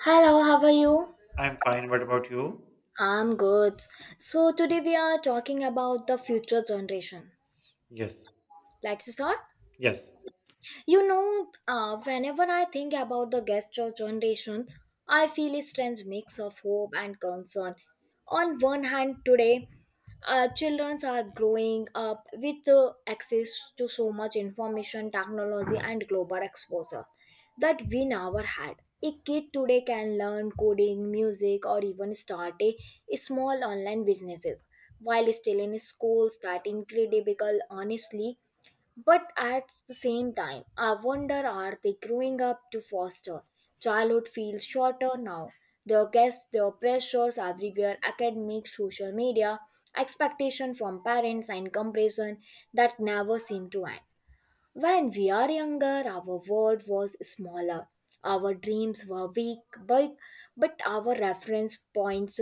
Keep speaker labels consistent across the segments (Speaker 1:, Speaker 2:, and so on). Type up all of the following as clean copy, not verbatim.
Speaker 1: Hello, how are you?
Speaker 2: I'm fine. What about you?
Speaker 1: I'm good. So today we are talking about the future generation.
Speaker 2: Yes.
Speaker 1: Let's start.
Speaker 2: Yes.
Speaker 1: Whenever I think about the gastro generation, I feel a strange mix of hope and concern. On one hand, today, children are growing up with access to so much information, technology, and global exposure that we never had. A kid today can learn coding, music, or even start a small online businesses while still in schools. That incredible, honestly, but at the same time, I wonder, are they growing up to foster? Childhood feels shorter now. The guests, the pressures everywhere, academic, social media, expectation from parents and comparison that never seem to end. When we are younger, our world was smaller. Our dreams were weak, but, but our reference points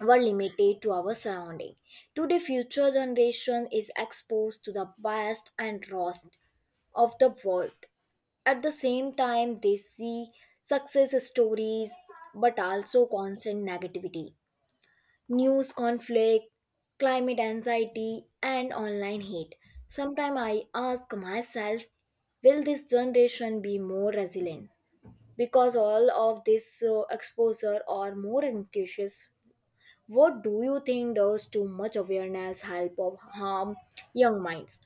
Speaker 1: were limited to our surrounding. Today, future generation is exposed to the best and worst of the world. At the same time, they see success stories but also constant negativity, news conflict, climate anxiety, and online hate. Sometimes I ask myself, will this generation be more resilient? Because all of this exposure are more anxious. What do you think, does too much awareness help or harm young minds?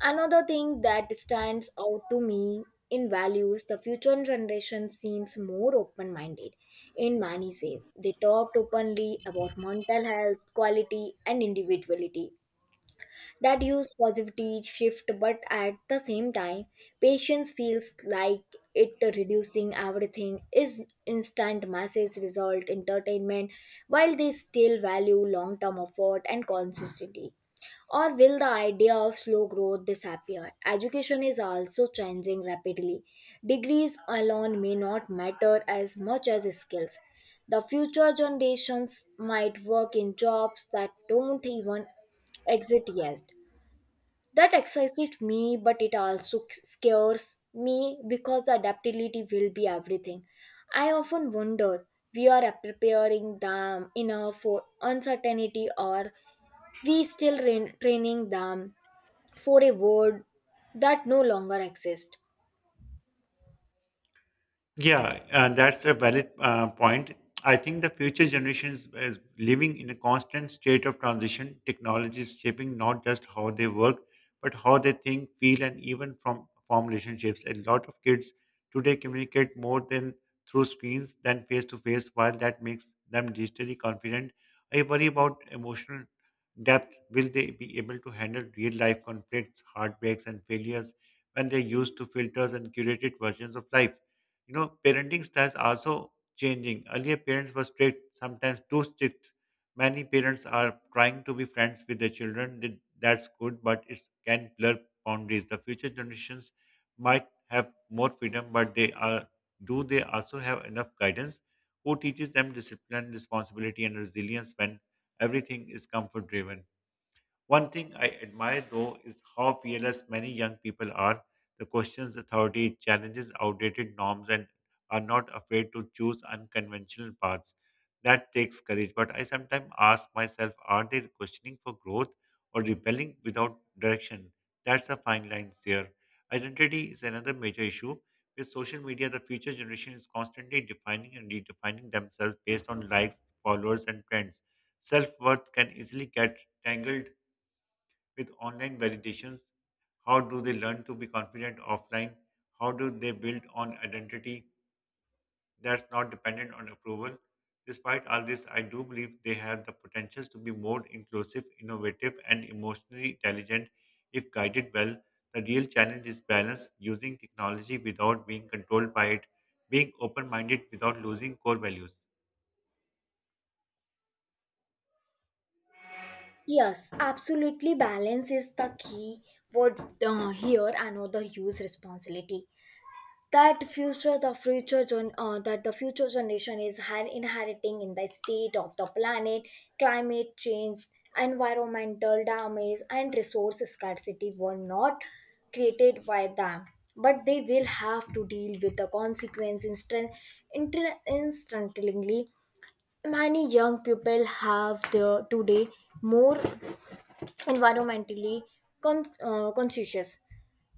Speaker 1: Another thing that stands out to me in values, the future generation seems more open minded in many ways. They talked openly about mental health, quality, and individuality that use positivity shift, but at the same time patience feels like it reducing, everything is instant message result entertainment, while they still value long term effort and consistency. Or will the idea of slow growth disappear? Education is also changing rapidly, degrees alone may not matter as much as skills. The future generations might work in jobs that don't even exist yet. That excites me, but it also scares me because the adaptability will be everything. I often wonder, we are preparing them enough for uncertainty, or we still training them for a world that no longer exists.
Speaker 2: Yeah, that's a valid point. I think the future generations is living in a constant state of transition. Technology is shaping not just how they work, but how they think, feel, and even from form relationships. A lot of kids today communicate more than through screens than face to face. While that makes them digitally confident, I worry about emotional depth. Will they be able to handle real life conflicts, heartbreaks, and failures when they're used to filters and curated versions of life? You know, parenting styles are also changing. Earlier, parents were strict, sometimes too strict. Many parents are trying to be friends with their children. That's good, but it can blur boundaries. The future generations might have more freedom, but they are do they also have enough guidance? Who teaches them discipline, responsibility, and resilience when everything is comfort driven? One thing I admire though is how fearless many young people are. The questions authority, challenges outdated norms, and are not afraid to choose unconventional paths. That takes courage, but I sometimes ask myself are they questioning for growth or rebelling without direction? That's a fine line there. Identity is another major issue. With social media, the future generation is constantly defining and redefining themselves based on likes, followers, and trends. Self worth can easily get tangled with online validations. How do they learn to be confident offline? How do they build on identity that's not dependent on approval? Despite all this, I do believe they have the potentials to be more inclusive, innovative, and emotionally intelligent if guided well. The real challenge is balance, using technology without being controlled by it, being open minded without losing core values.
Speaker 1: Yes, absolutely. Balance is the key word here. Another use responsibility. That future the future gen, that the future generation is inheriting in the state of the planet, climate change, environmental damage and resource scarcity were not created by them, but they will have to deal with the consequence instantly. Many young people have the today more environmentally conscious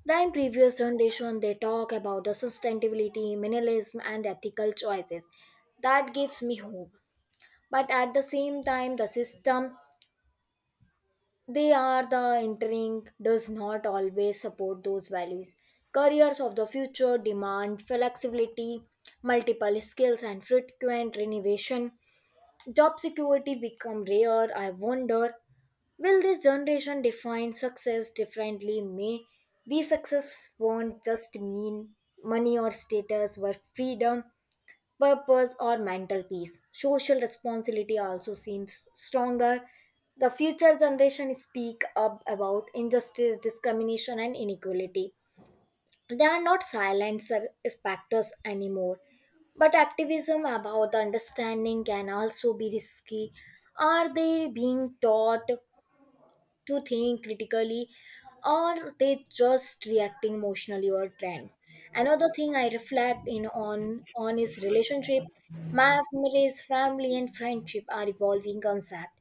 Speaker 1: than previous generation. They talk about the sustainability, minimalism, and ethical choices. That gives me hope. But at the same time, the system they are the entering does not always support those values. Careers of the future demand flexibility, multiple skills, and frequent renovation. Job security become rare. I wonder, will this generation define success differently? May be success won't just mean money or status, but freedom, purpose, or mental peace. Social responsibility also seems stronger. The future generation speak up about injustice, discrimination, and inequality. They are not silent spectators anymore, but activism about the understanding can also be risky. Are they being taught to think critically, or they just reacting emotionally or trends? Another thing I reflect in on is relationship, memories, family and friendship are evolving concept.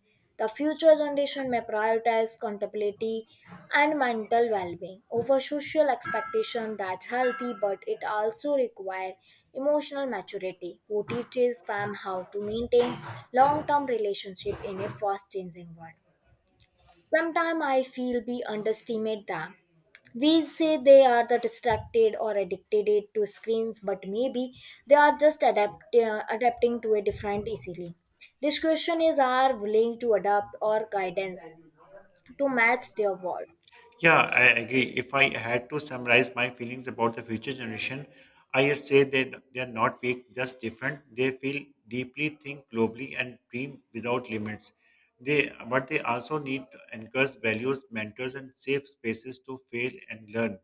Speaker 1: The future generation may prioritize contemplative and mental well-being over social expectation. That's healthy, but it also requires emotional maturity. Who teaches them how to maintain long-term relationship in a fast-changing world? Sometimes I feel we underestimate them. We say they are the distracted or addicted to screens, but maybe they are just adapting to a different easily. This question is, are willing to adapt or guidance to match their world.
Speaker 2: Yeah, I agree. If I had to summarize my feelings about the future generation, I would say that they are not weak, just different. They feel deeply, think globally, and dream without limits. They, but they also need anchors, values, mentors, and safe spaces to fail and learn.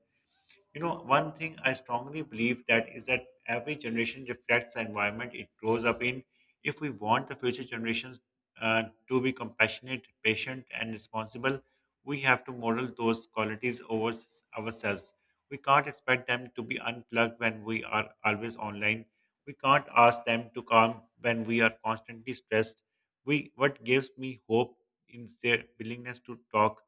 Speaker 2: You know, one thing I strongly believe that is that every generation reflects the environment it grows up in. If we want the future generations to be compassionate, patient, and responsible, we have to model those qualities over ourselves. We can't expect them to be unplugged when we are always online. We can't ask them to calm when we are constantly stressed. We what gives me hope in their willingness to talk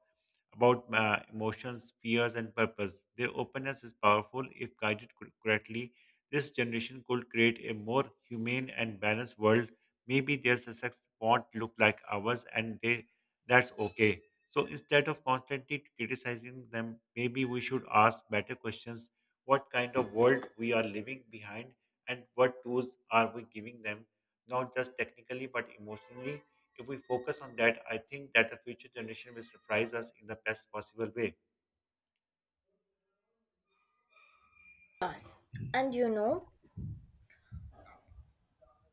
Speaker 2: about emotions, fears, and purpose. Their openness is powerful if guided correctly. This generation could create a more humane and balanced world. Maybe their success won't look like ours, and they that's okay. So instead of constantly criticizing them, maybe we should ask better questions: what kind of world we are leaving behind, and what tools are we giving them? Not just technically, but emotionally. If we focus on that, I think that the future generation will surprise us in the best possible way.
Speaker 1: And you know,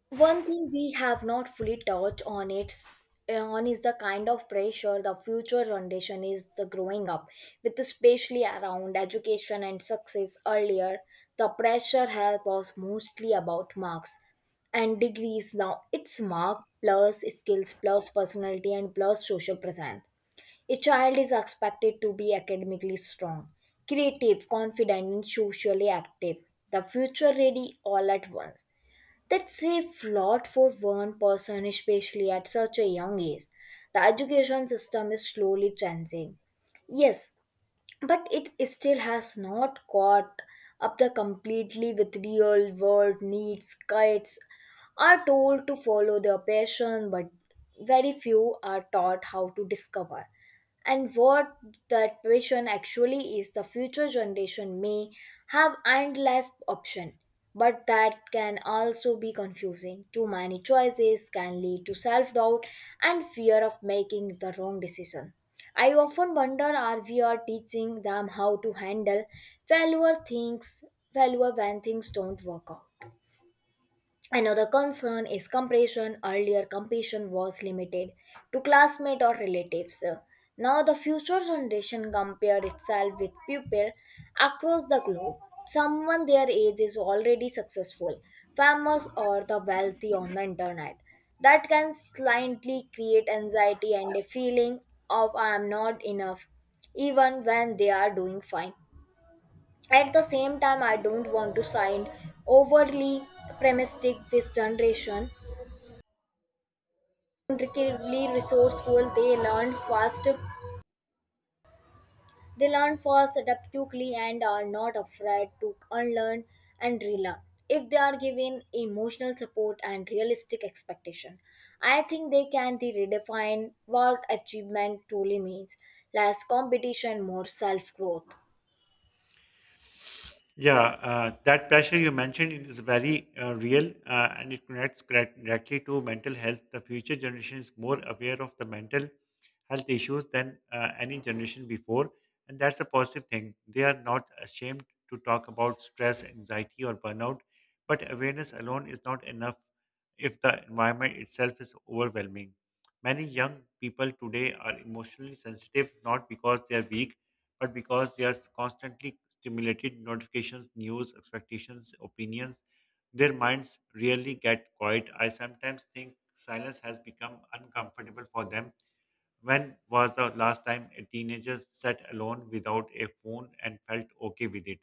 Speaker 1: one thing we have not fully touched on is the kind of pressure the future generation is the growing up with, especially around education and success. Earlier the pressure has was mostly about marks and degrees, now it's mark plus skills plus personality and plus social presence. A child is expected to be academically strong, creative, confident, and socially active. The future ready all at once. That's a lot for one person, especially at such a young age. The education system is slowly changing. Yes, but it still has not caught up the completely with real world needs. Kids are told to follow their passion, but very few are taught how to discover. And what that passion actually is, the future generation may have endless option. But that can also be confusing. Too many choices can lead to self doubt and fear of making the wrong decision. I often wonder, are we are teaching them how to handle failure things failure when things don't work out. Another concern is compression. Earlier, compassion was limited to classmates or relatives. Now, the future generation compared itself with people across the globe. Someone their age is already successful, famous, or the wealthy on the internet. That can slightly create anxiety and a feeling of I am not enough, even when they are doing fine. At the same time, I don't want to sound overly pessimistic. This generation, incredibly resourceful, they learn fast, adapt quickly, and are not afraid to unlearn and relearn. If they are given emotional support and realistic expectation, I think they can redefine what achievement truly means. Less competition, more self growth.
Speaker 2: Yeah, that pressure you mentioned is very real and it connects directly to mental health. The future generation is more aware of the mental health issues than any generation before, and that's a positive thing. They are not ashamed to talk about stress, anxiety, or burnout, but awareness alone is not enough if the environment itself is overwhelming. Many young people today are emotionally sensitive not because they are weak but because they are constantly stimulated notifications, news, expectations, opinions, their minds rarely get quiet. I sometimes think silence has become uncomfortable for them. When was the last time a teenager sat alone without a phone and felt okay with it?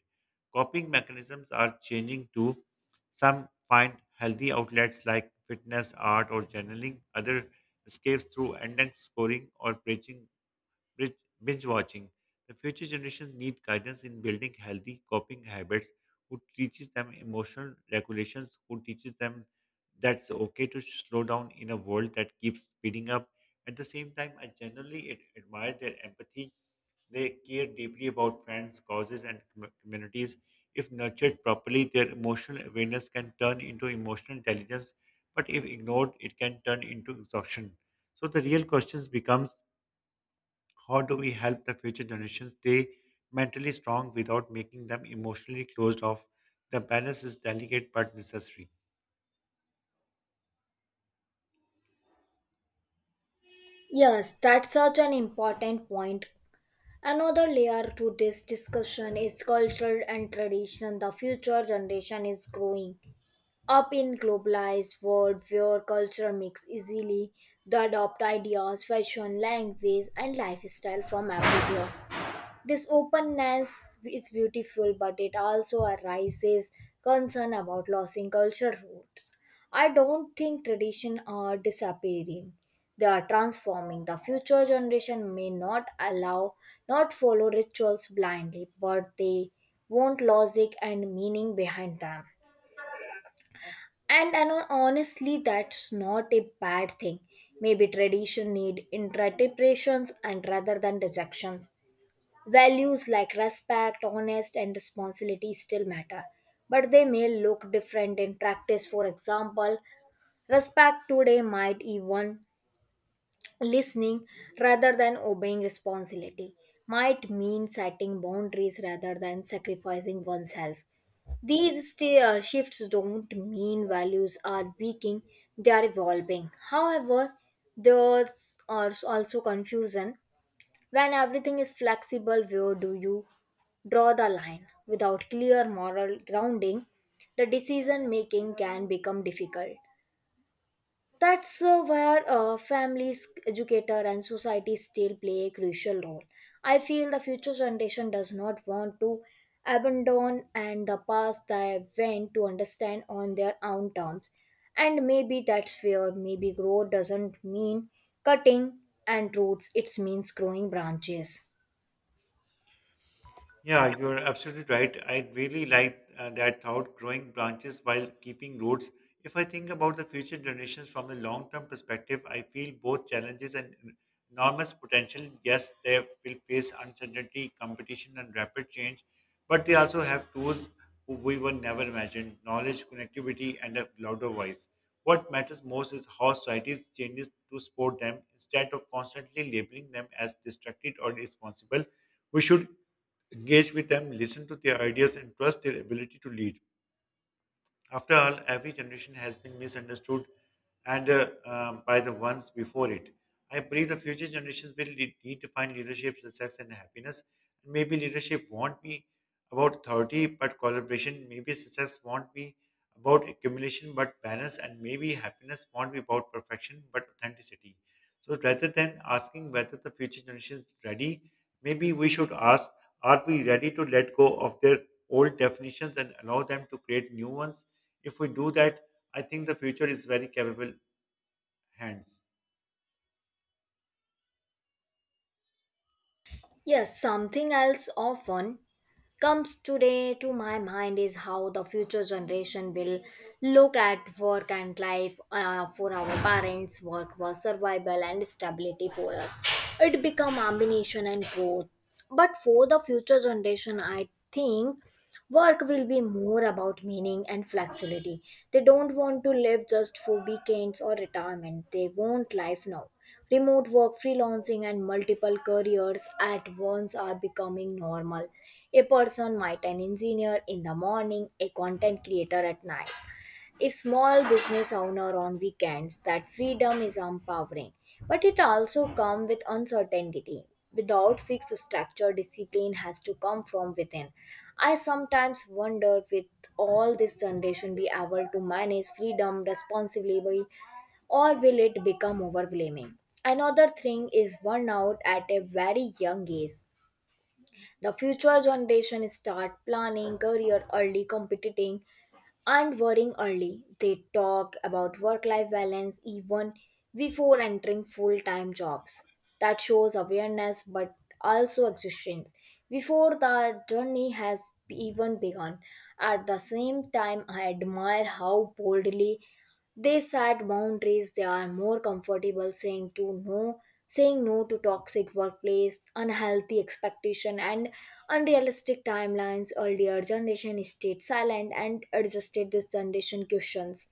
Speaker 2: Coping mechanisms are changing too. Some find healthy outlets like fitness, art, or journaling. Other escapes through endless scoring or preaching binge binge watching. The future generations need guidance in building healthy coping habits, who teaches them emotional regulations, who teaches them that's okay to slow down in a world that keeps speeding up. At the same time, I generally admire their empathy. They care deeply about friends, causes, and communities. If nurtured properly, their emotional awareness can turn into emotional intelligence, but if ignored, it can turn into exhaustion. So the real questions becomes how do we help the future generations stay mentally strong without making them emotionally closed off? The balance is delicate but necessary.
Speaker 1: Yes, that's such an important point. Another layer to this discussion is culture and tradition. The future generation is growing up in globalized world where culture mix easily. They adopt ideas, fashion, language, and lifestyle from everywhere. This openness is beautiful, but it also arises concern about losing cultural roots. I don't think tradition are disappearing. They are transforming. The future generation may not allow, not follow rituals blindly, but they want logic and meaning behind them. And I know honestly, that's not a bad thing. Maybe tradition need interpretations and rather than rejections. Values like respect, honest, and responsibility still matter, but they may look different in practice. For example, respect today might even listening rather than obeying responsibility, might mean setting boundaries rather than sacrificing oneself. These shifts don't mean values are weakening, they are evolving. However, there's also confusion, when everything is flexible, where do you draw the line? Without clear moral grounding, the decision making can become difficult. That's where families, educator, and society still play a crucial role. I feel the future generation does not want to abandon and the past they went to understand on their own terms. And maybe that's fair. Maybe growth doesn't mean cutting and roots; it means growing branches.
Speaker 2: Yeah, you're absolutely right. I really like that thought growing branches while keeping roots. If I think about the future generations from a long term perspective, I feel both challenges and enormous potential. Yes, they will face uncertainty, competition, and rapid change, but they also have tools who we were never imagined knowledge, connectivity, and a louder voice. What matters most is how societies changes to support them instead of constantly labeling them as distracted or irresponsible. We should engage with them, listen to their ideas, and trust their ability to lead. After all, every generation has been misunderstood and by the ones before it. I believe the future generations will need to find leadership, success, and happiness. Maybe leadership won't be about authority, but collaboration. Maybe success won't be about accumulation, but balance. And maybe happiness won't be about perfection, but authenticity. So rather than asking whether the future generation is ready, maybe we should ask, are we ready to let go of their old definitions and allow them to create new ones? If we do that, I think the future is very capable hands.
Speaker 1: Yes, something else often comes today to my mind is how the future generation will look at work and life. For our parents, work was survival and stability. For us it become ambition and growth. But for the future generation I think work will be more about meaning and flexibility. They don't want to live just for weekends or retirement. They want life now. Remote work, freelancing, and multiple careers at once are becoming normal. A person might an engineer in the morning, a content creator at night, a small business owner on weekends. That freedom is empowering, but it also comes with uncertainty. Without fixed structure, discipline has to come from within. I sometimes wonder, with all this generation be able to manage freedom responsibly, or will it become overwhelming? Another thing is burnout at a very young age. The future generation start planning career early, competing and worrying early. They talk about work-life balance even before entering full-time jobs. That shows awareness but also existence. Before the journey has even begun. At the same time, I admire how boldly they set boundaries. They are more comfortable saying to no, saying no to toxic workplace, unhealthy expectation and unrealistic timelines. Earlier generation stayed silent and adjusted, this generation questions.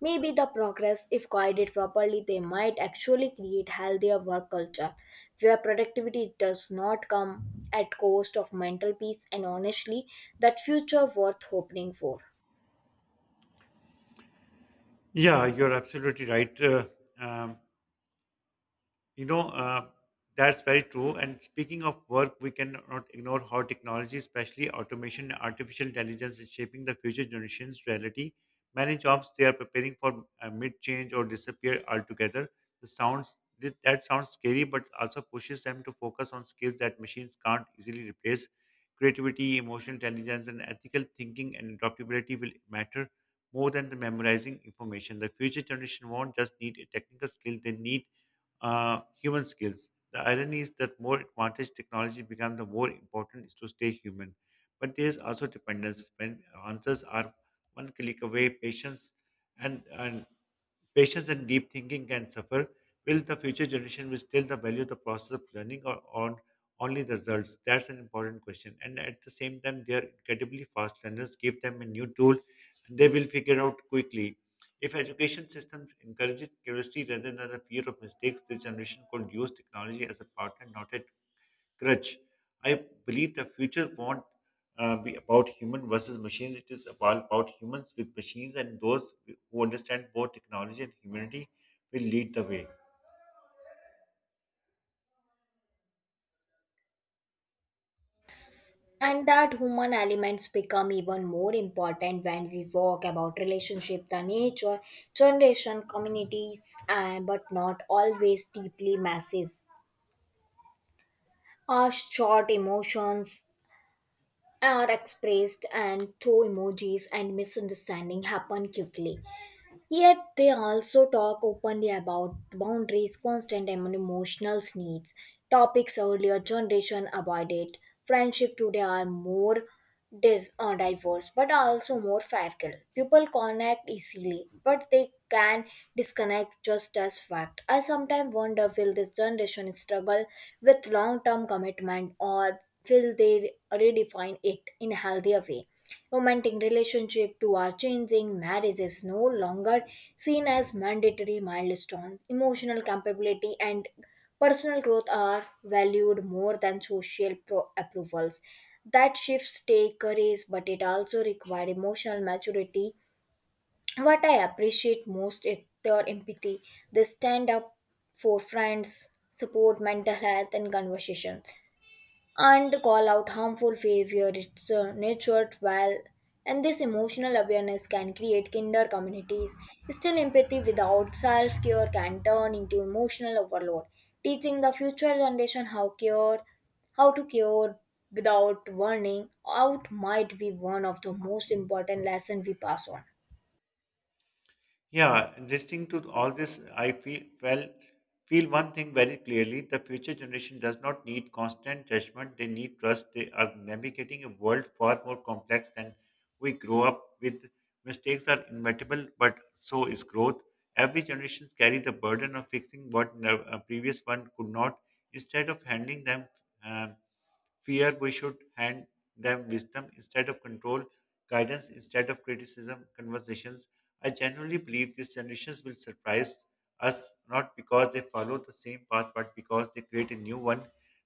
Speaker 1: Maybe the progress, if guided properly, they might actually create healthier work culture where productivity does not come at cost of mental peace. And honestly, that future worth hoping for.
Speaker 2: Yeah, you're absolutely right. Um, You know, that's very true. And speaking of work, we cannot ignore how technology, especially automation and artificial intelligence, is shaping the future generation's reality. Many jobs they are preparing for mid-change or disappear altogether. That sounds scary, but also pushes them to focus on skills that machines can't easily replace. Creativity, emotional intelligence, and ethical thinking and adaptability will matter more than the memorizing information. The future generation won't just need a technical skill; they need human skills. The irony is that more advantage technology becomes, the more important is to stay human. But there is also dependence when answers are one click away. Patience and Patience and deep thinking can suffer. Will the future generation will still the value the process of learning or on only the results? That's an important question. And at the same time, they are incredibly fast learners. Give them a new tool, and they will figure out quickly. If education system encourages curiosity rather than the fear of mistakes, this generation could use technology as a partner, not a crutch. I believe the future won't be about human versus machines. It is about humans with machines, and those who understand both technology and humanity will lead the way.
Speaker 1: And that human elements become even more important when we talk about relationship, the nature, generation, communities, and but not always deeply masses. Our short emotions are expressed and through emojis and misunderstanding happen quickly. Yet they also talk openly about boundaries, constant and emotional needs, topics earlier generation avoided. Friendship today are more diverse but also more fragile. People connect easily, but they can disconnect just as fact. I sometimes wonder, will this generation struggle with long term commitment, or will they redefine it in a healthier way? Romantic relationship to our changing, marriage is no longer seen as mandatory milestones. Emotional compatibility and personal growth are valued more than social approvals. That shifts take courage, but it also requires emotional maturity. What I appreciate most is their empathy. They stand up for friends, support mental health and conversation and call out harmful behavior. It's a nurtured well, and this emotional awareness can create kinder communities. Still, empathy without self-care can turn into emotional overload. Teaching the future generation how care, how to cure without warning out might be one of the most important lessons we pass on.
Speaker 2: Yeah, listening to all this, I feel well feel one thing very clearly: the future generation does not need constant judgment; they need trust. They are navigating a world far more complex than we grow up with. Mistakes are inevitable, but so is growth. Every generation carries the burden of fixing what a previous one could not. Instead of handling them um, fear, we should hand them wisdom instead of control, guidance instead of criticism, conversations I genuinely believe these generations will surprise us not because they follow the same path, but because they create a new one.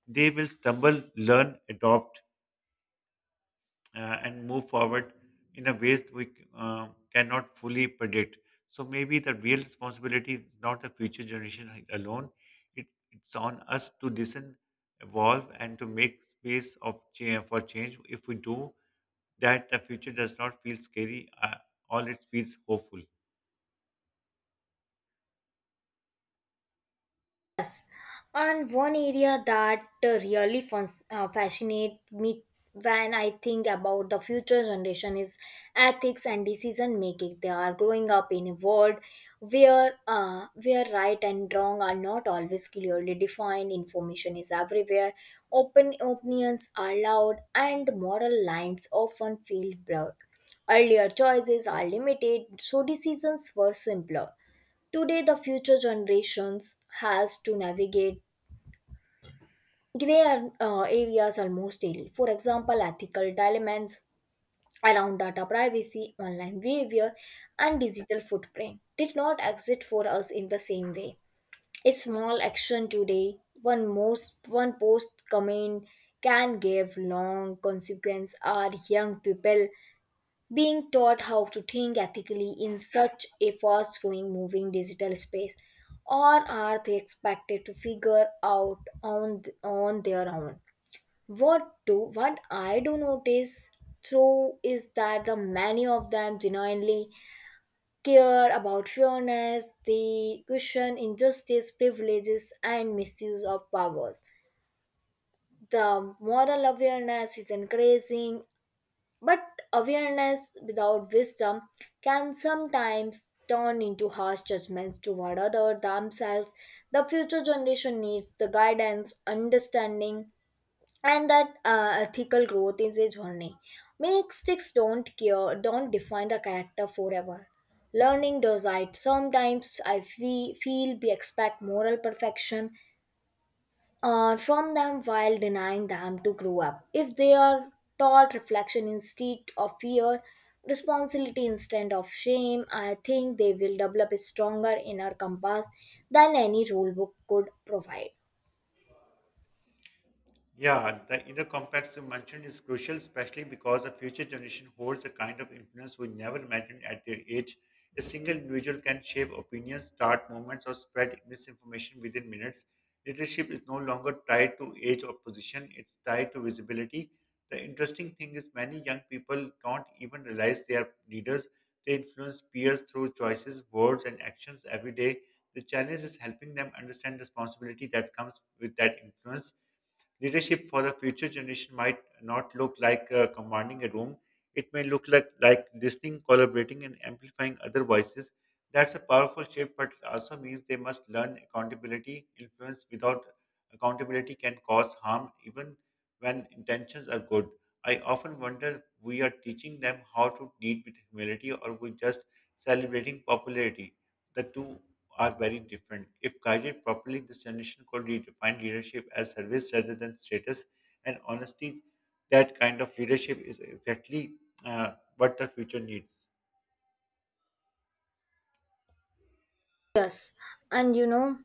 Speaker 2: They will stumble, learn, adopt, and move forward in a ways we cannot fully predict. So maybe the real responsibility is not the future generation alone. It, it's on us to listen, evolve, and to make space of change, for change. If we do that, the future does not feel scary. All it feels hopeful.
Speaker 1: And one area that really fascinates me when I think about the future generation is ethics and decision making. They are growing up in a world where where right and wrong are not always clearly defined. Information is everywhere. Open opinions are loud, and moral lines often feel blurred. Earlier choices are limited, so decisions were simpler. Today, the future generations has to navigate grey areas almost daily. For example, ethical dilemmas around data privacy, online behavior, and digital footprint did not exist for us in the same way. A small action today, one most one post comment, can give long consequence. Are young people being taught how to think ethically in such a fast-growing, moving digital space, or are they expected to figure out on their own? What I do notice through is that the many of them genuinely care about fairness. They question injustice, privileges, and misuse of powers. The moral awareness is increasing, but awareness without wisdom can sometimes turn into harsh judgments toward others themselves. The future generation needs the guidance, understanding, and that ethical growth is a journey. Mistakes don't define the character forever. Learning does it. Sometimes feel we expect moral perfection from them while denying them to grow up. If they are taught reflection instead of fear, responsibility instead of shame, I think they will develop a stronger inner compass than any rule book could provide.
Speaker 2: Yeah, the inner complex you mentioned is crucial, especially because the future generation holds a kind of influence we never imagined at their age. A single individual can shape opinions, start movements, or spread misinformation within minutes. Leadership is no longer tied to age or position, it's tied to visibility. The interesting thing is, many young people don't even realize they are leaders. They influence peers through choices, words, and actions every day. The challenge is helping them understand the responsibility that comes with that influence. Leadership for the future generation might not look like commanding a room. It may look like listening, collaborating, and amplifying other voices. That's a powerful shift, but it also means they must learn accountability. Influence without accountability can cause harm, even when intentions are good. I often wonder we are teaching them how to lead with humility or we just celebrating popularity. The two are very different. If guided properly, this generation could redefine leadership as service rather than status. And honestly, that kind of leadership is exactly what the future needs.
Speaker 1: Yes, and you know.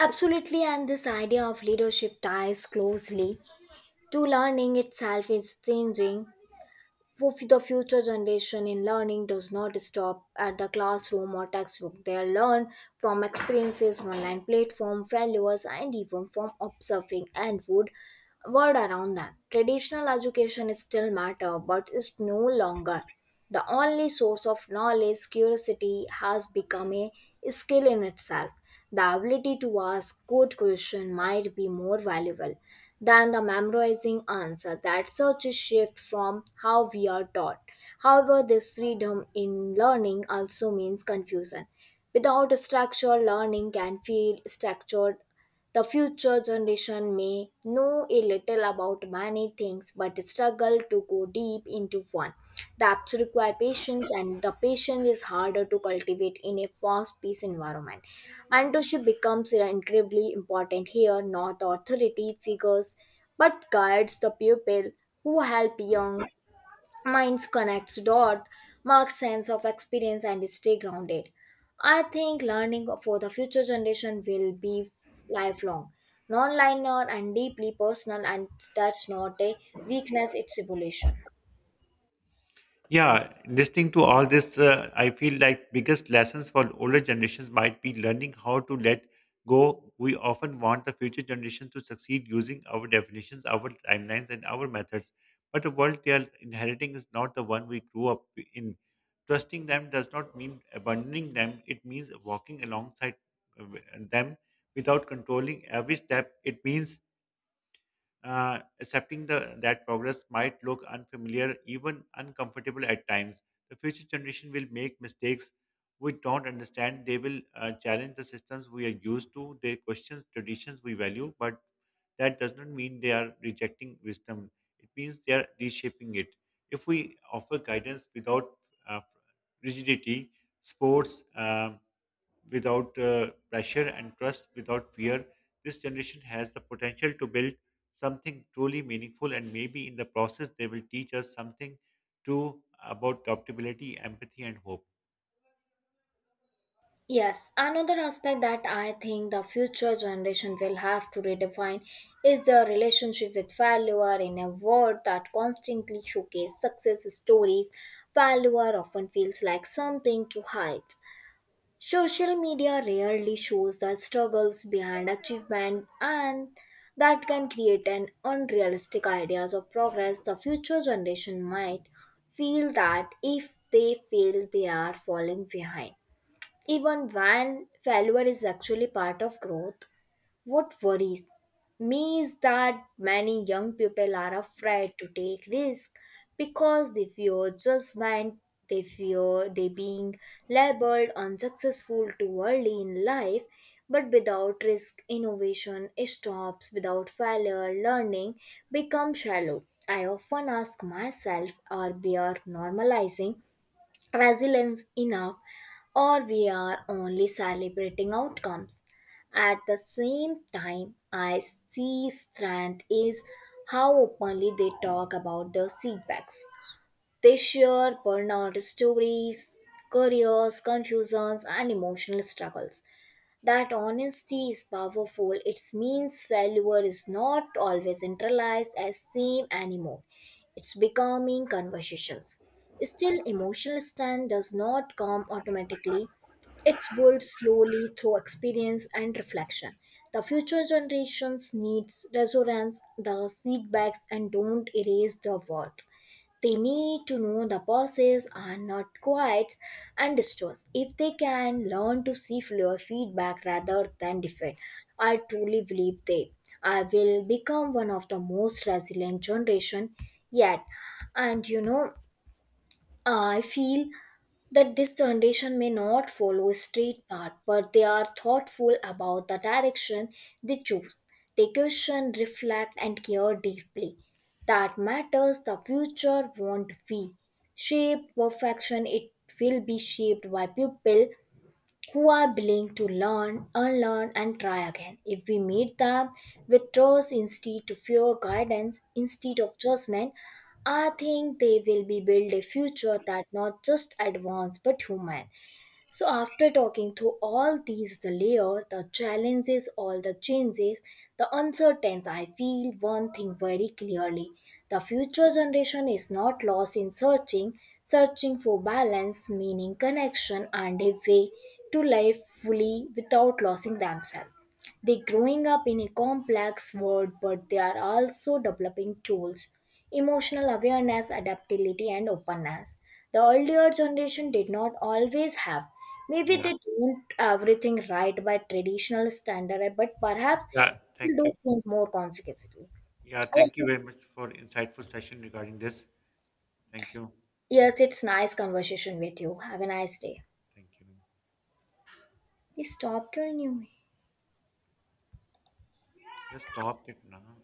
Speaker 1: absolutely, and this idea of leadership ties closely to learning itself is changing. For the future generation in learning does not stop at the classroom or textbook. They learn from experiences, online platform, failures, and even from observing and would word around them. Traditional education still matter, but it's no longer. The only source of knowledge, curiosity has become a skill in itself. The ability to ask good questions might be more valuable than the memorizing answer. That such a shift from how we are taught. However, this freedom in learning also means confusion. Without a structure, learning can feel structured. The future generation may know a little about many things but struggle to go deep into one. The apps require patience, and the patience is harder to cultivate in a fast paced environment. Mentorship becomes incredibly important here, not authority figures, but guides the pupil who help young minds connects dot marks sense of experience and stay grounded. I think learning for the future generation will be lifelong, non-linear and deeply personal, and that's not a weakness, it's evolution.
Speaker 2: Yeah, listening to all this, I feel like biggest lessons for older generations might be learning how to let go. We often want the future generations to succeed using our definitions, our timelines, and our methods, but the world they are inheriting is not the one we grew up in. Trusting them does not mean abandoning them; it means walking alongside uh, them without controlling every step. It means accepting that progress might look unfamiliar, even uncomfortable at times. The future generation will make mistakes we don't understand. They will challenge the systems we are used to. They question traditions we value, but that does not mean they are rejecting wisdom. It means they are reshaping it. If we offer guidance without uh, rigidity, sports. Without pressure and trust without fear. This generation has the potential to build something truly meaningful, and maybe in the process, they will teach us something too about adaptability, empathy, and hope.
Speaker 1: Yes, another aspect that I think the future generation will have to redefine is the relationship with failure in a world that constantly showcases success stories. Failure often feels like something to hide. Social media rarely shows the struggles behind achievement, and that can create an unrealistic ideas of progress. The future generation might feel that if they fail they are falling behind, even when failure is actually part of growth. What worries me is that many young people are afraid to take risks because they fear judgment, they fear they being labeled unsuccessful too early in life. But without risk, innovation stops. Without failure, learning becomes shallow. I often ask myself, are we are normalizing resilience enough, or we are only celebrating outcomes. At the same time, I see strength is how openly they talk about their setbacks. They share burnout stories, careers, confusions, and emotional struggles. That honesty is powerful. It means failure is not always internalized as same anymore. It's becoming conversations. Still, emotional stand does not come automatically. It's built slowly through experience and reflection. The future generations needs resonance, the setbacks, and don't erase the worth. They need to know the pauses are not quiets and distors. If they can learn to see your feedback rather than defend, I truly believe they I will become one of the most resilient generation yet. And you know, I feel that this generation may not follow a straight path, but they are thoughtful about the direction they choose. They question, reflect, and care deeply. That matters. The future won't be shaped perfection, it will be shaped by people who are willing to learn, unlearn, and try again. If we meet them with trust instead to fear guidance instead of judgment, I think they will be build a future that not just advanced but human. So after talking through all these the layer, the challenges, all the changes, the uncertainties, I feel one thing very clearly. The future generation is not lost in searching, searching for balance, meaning, connection, and a way to live fully without losing themselves. They growing up in a complex world, but they are also developing tools, emotional awareness, adaptability and openness. The earlier generation did not always have. Maybe
Speaker 2: Yeah,
Speaker 1: they don't everything right by traditional standard, but perhaps
Speaker 2: yeah,
Speaker 1: they
Speaker 2: thank
Speaker 1: do
Speaker 2: you.
Speaker 1: things more consequently.
Speaker 2: Yeah,
Speaker 1: Yes,
Speaker 2: thank you
Speaker 1: it's
Speaker 2: very much for insightful session regarding this. Thank you.
Speaker 1: yes, it's nice conversation with you. Have a nice day.
Speaker 2: Thank you.
Speaker 1: Please stopped your new
Speaker 2: Just stop it now.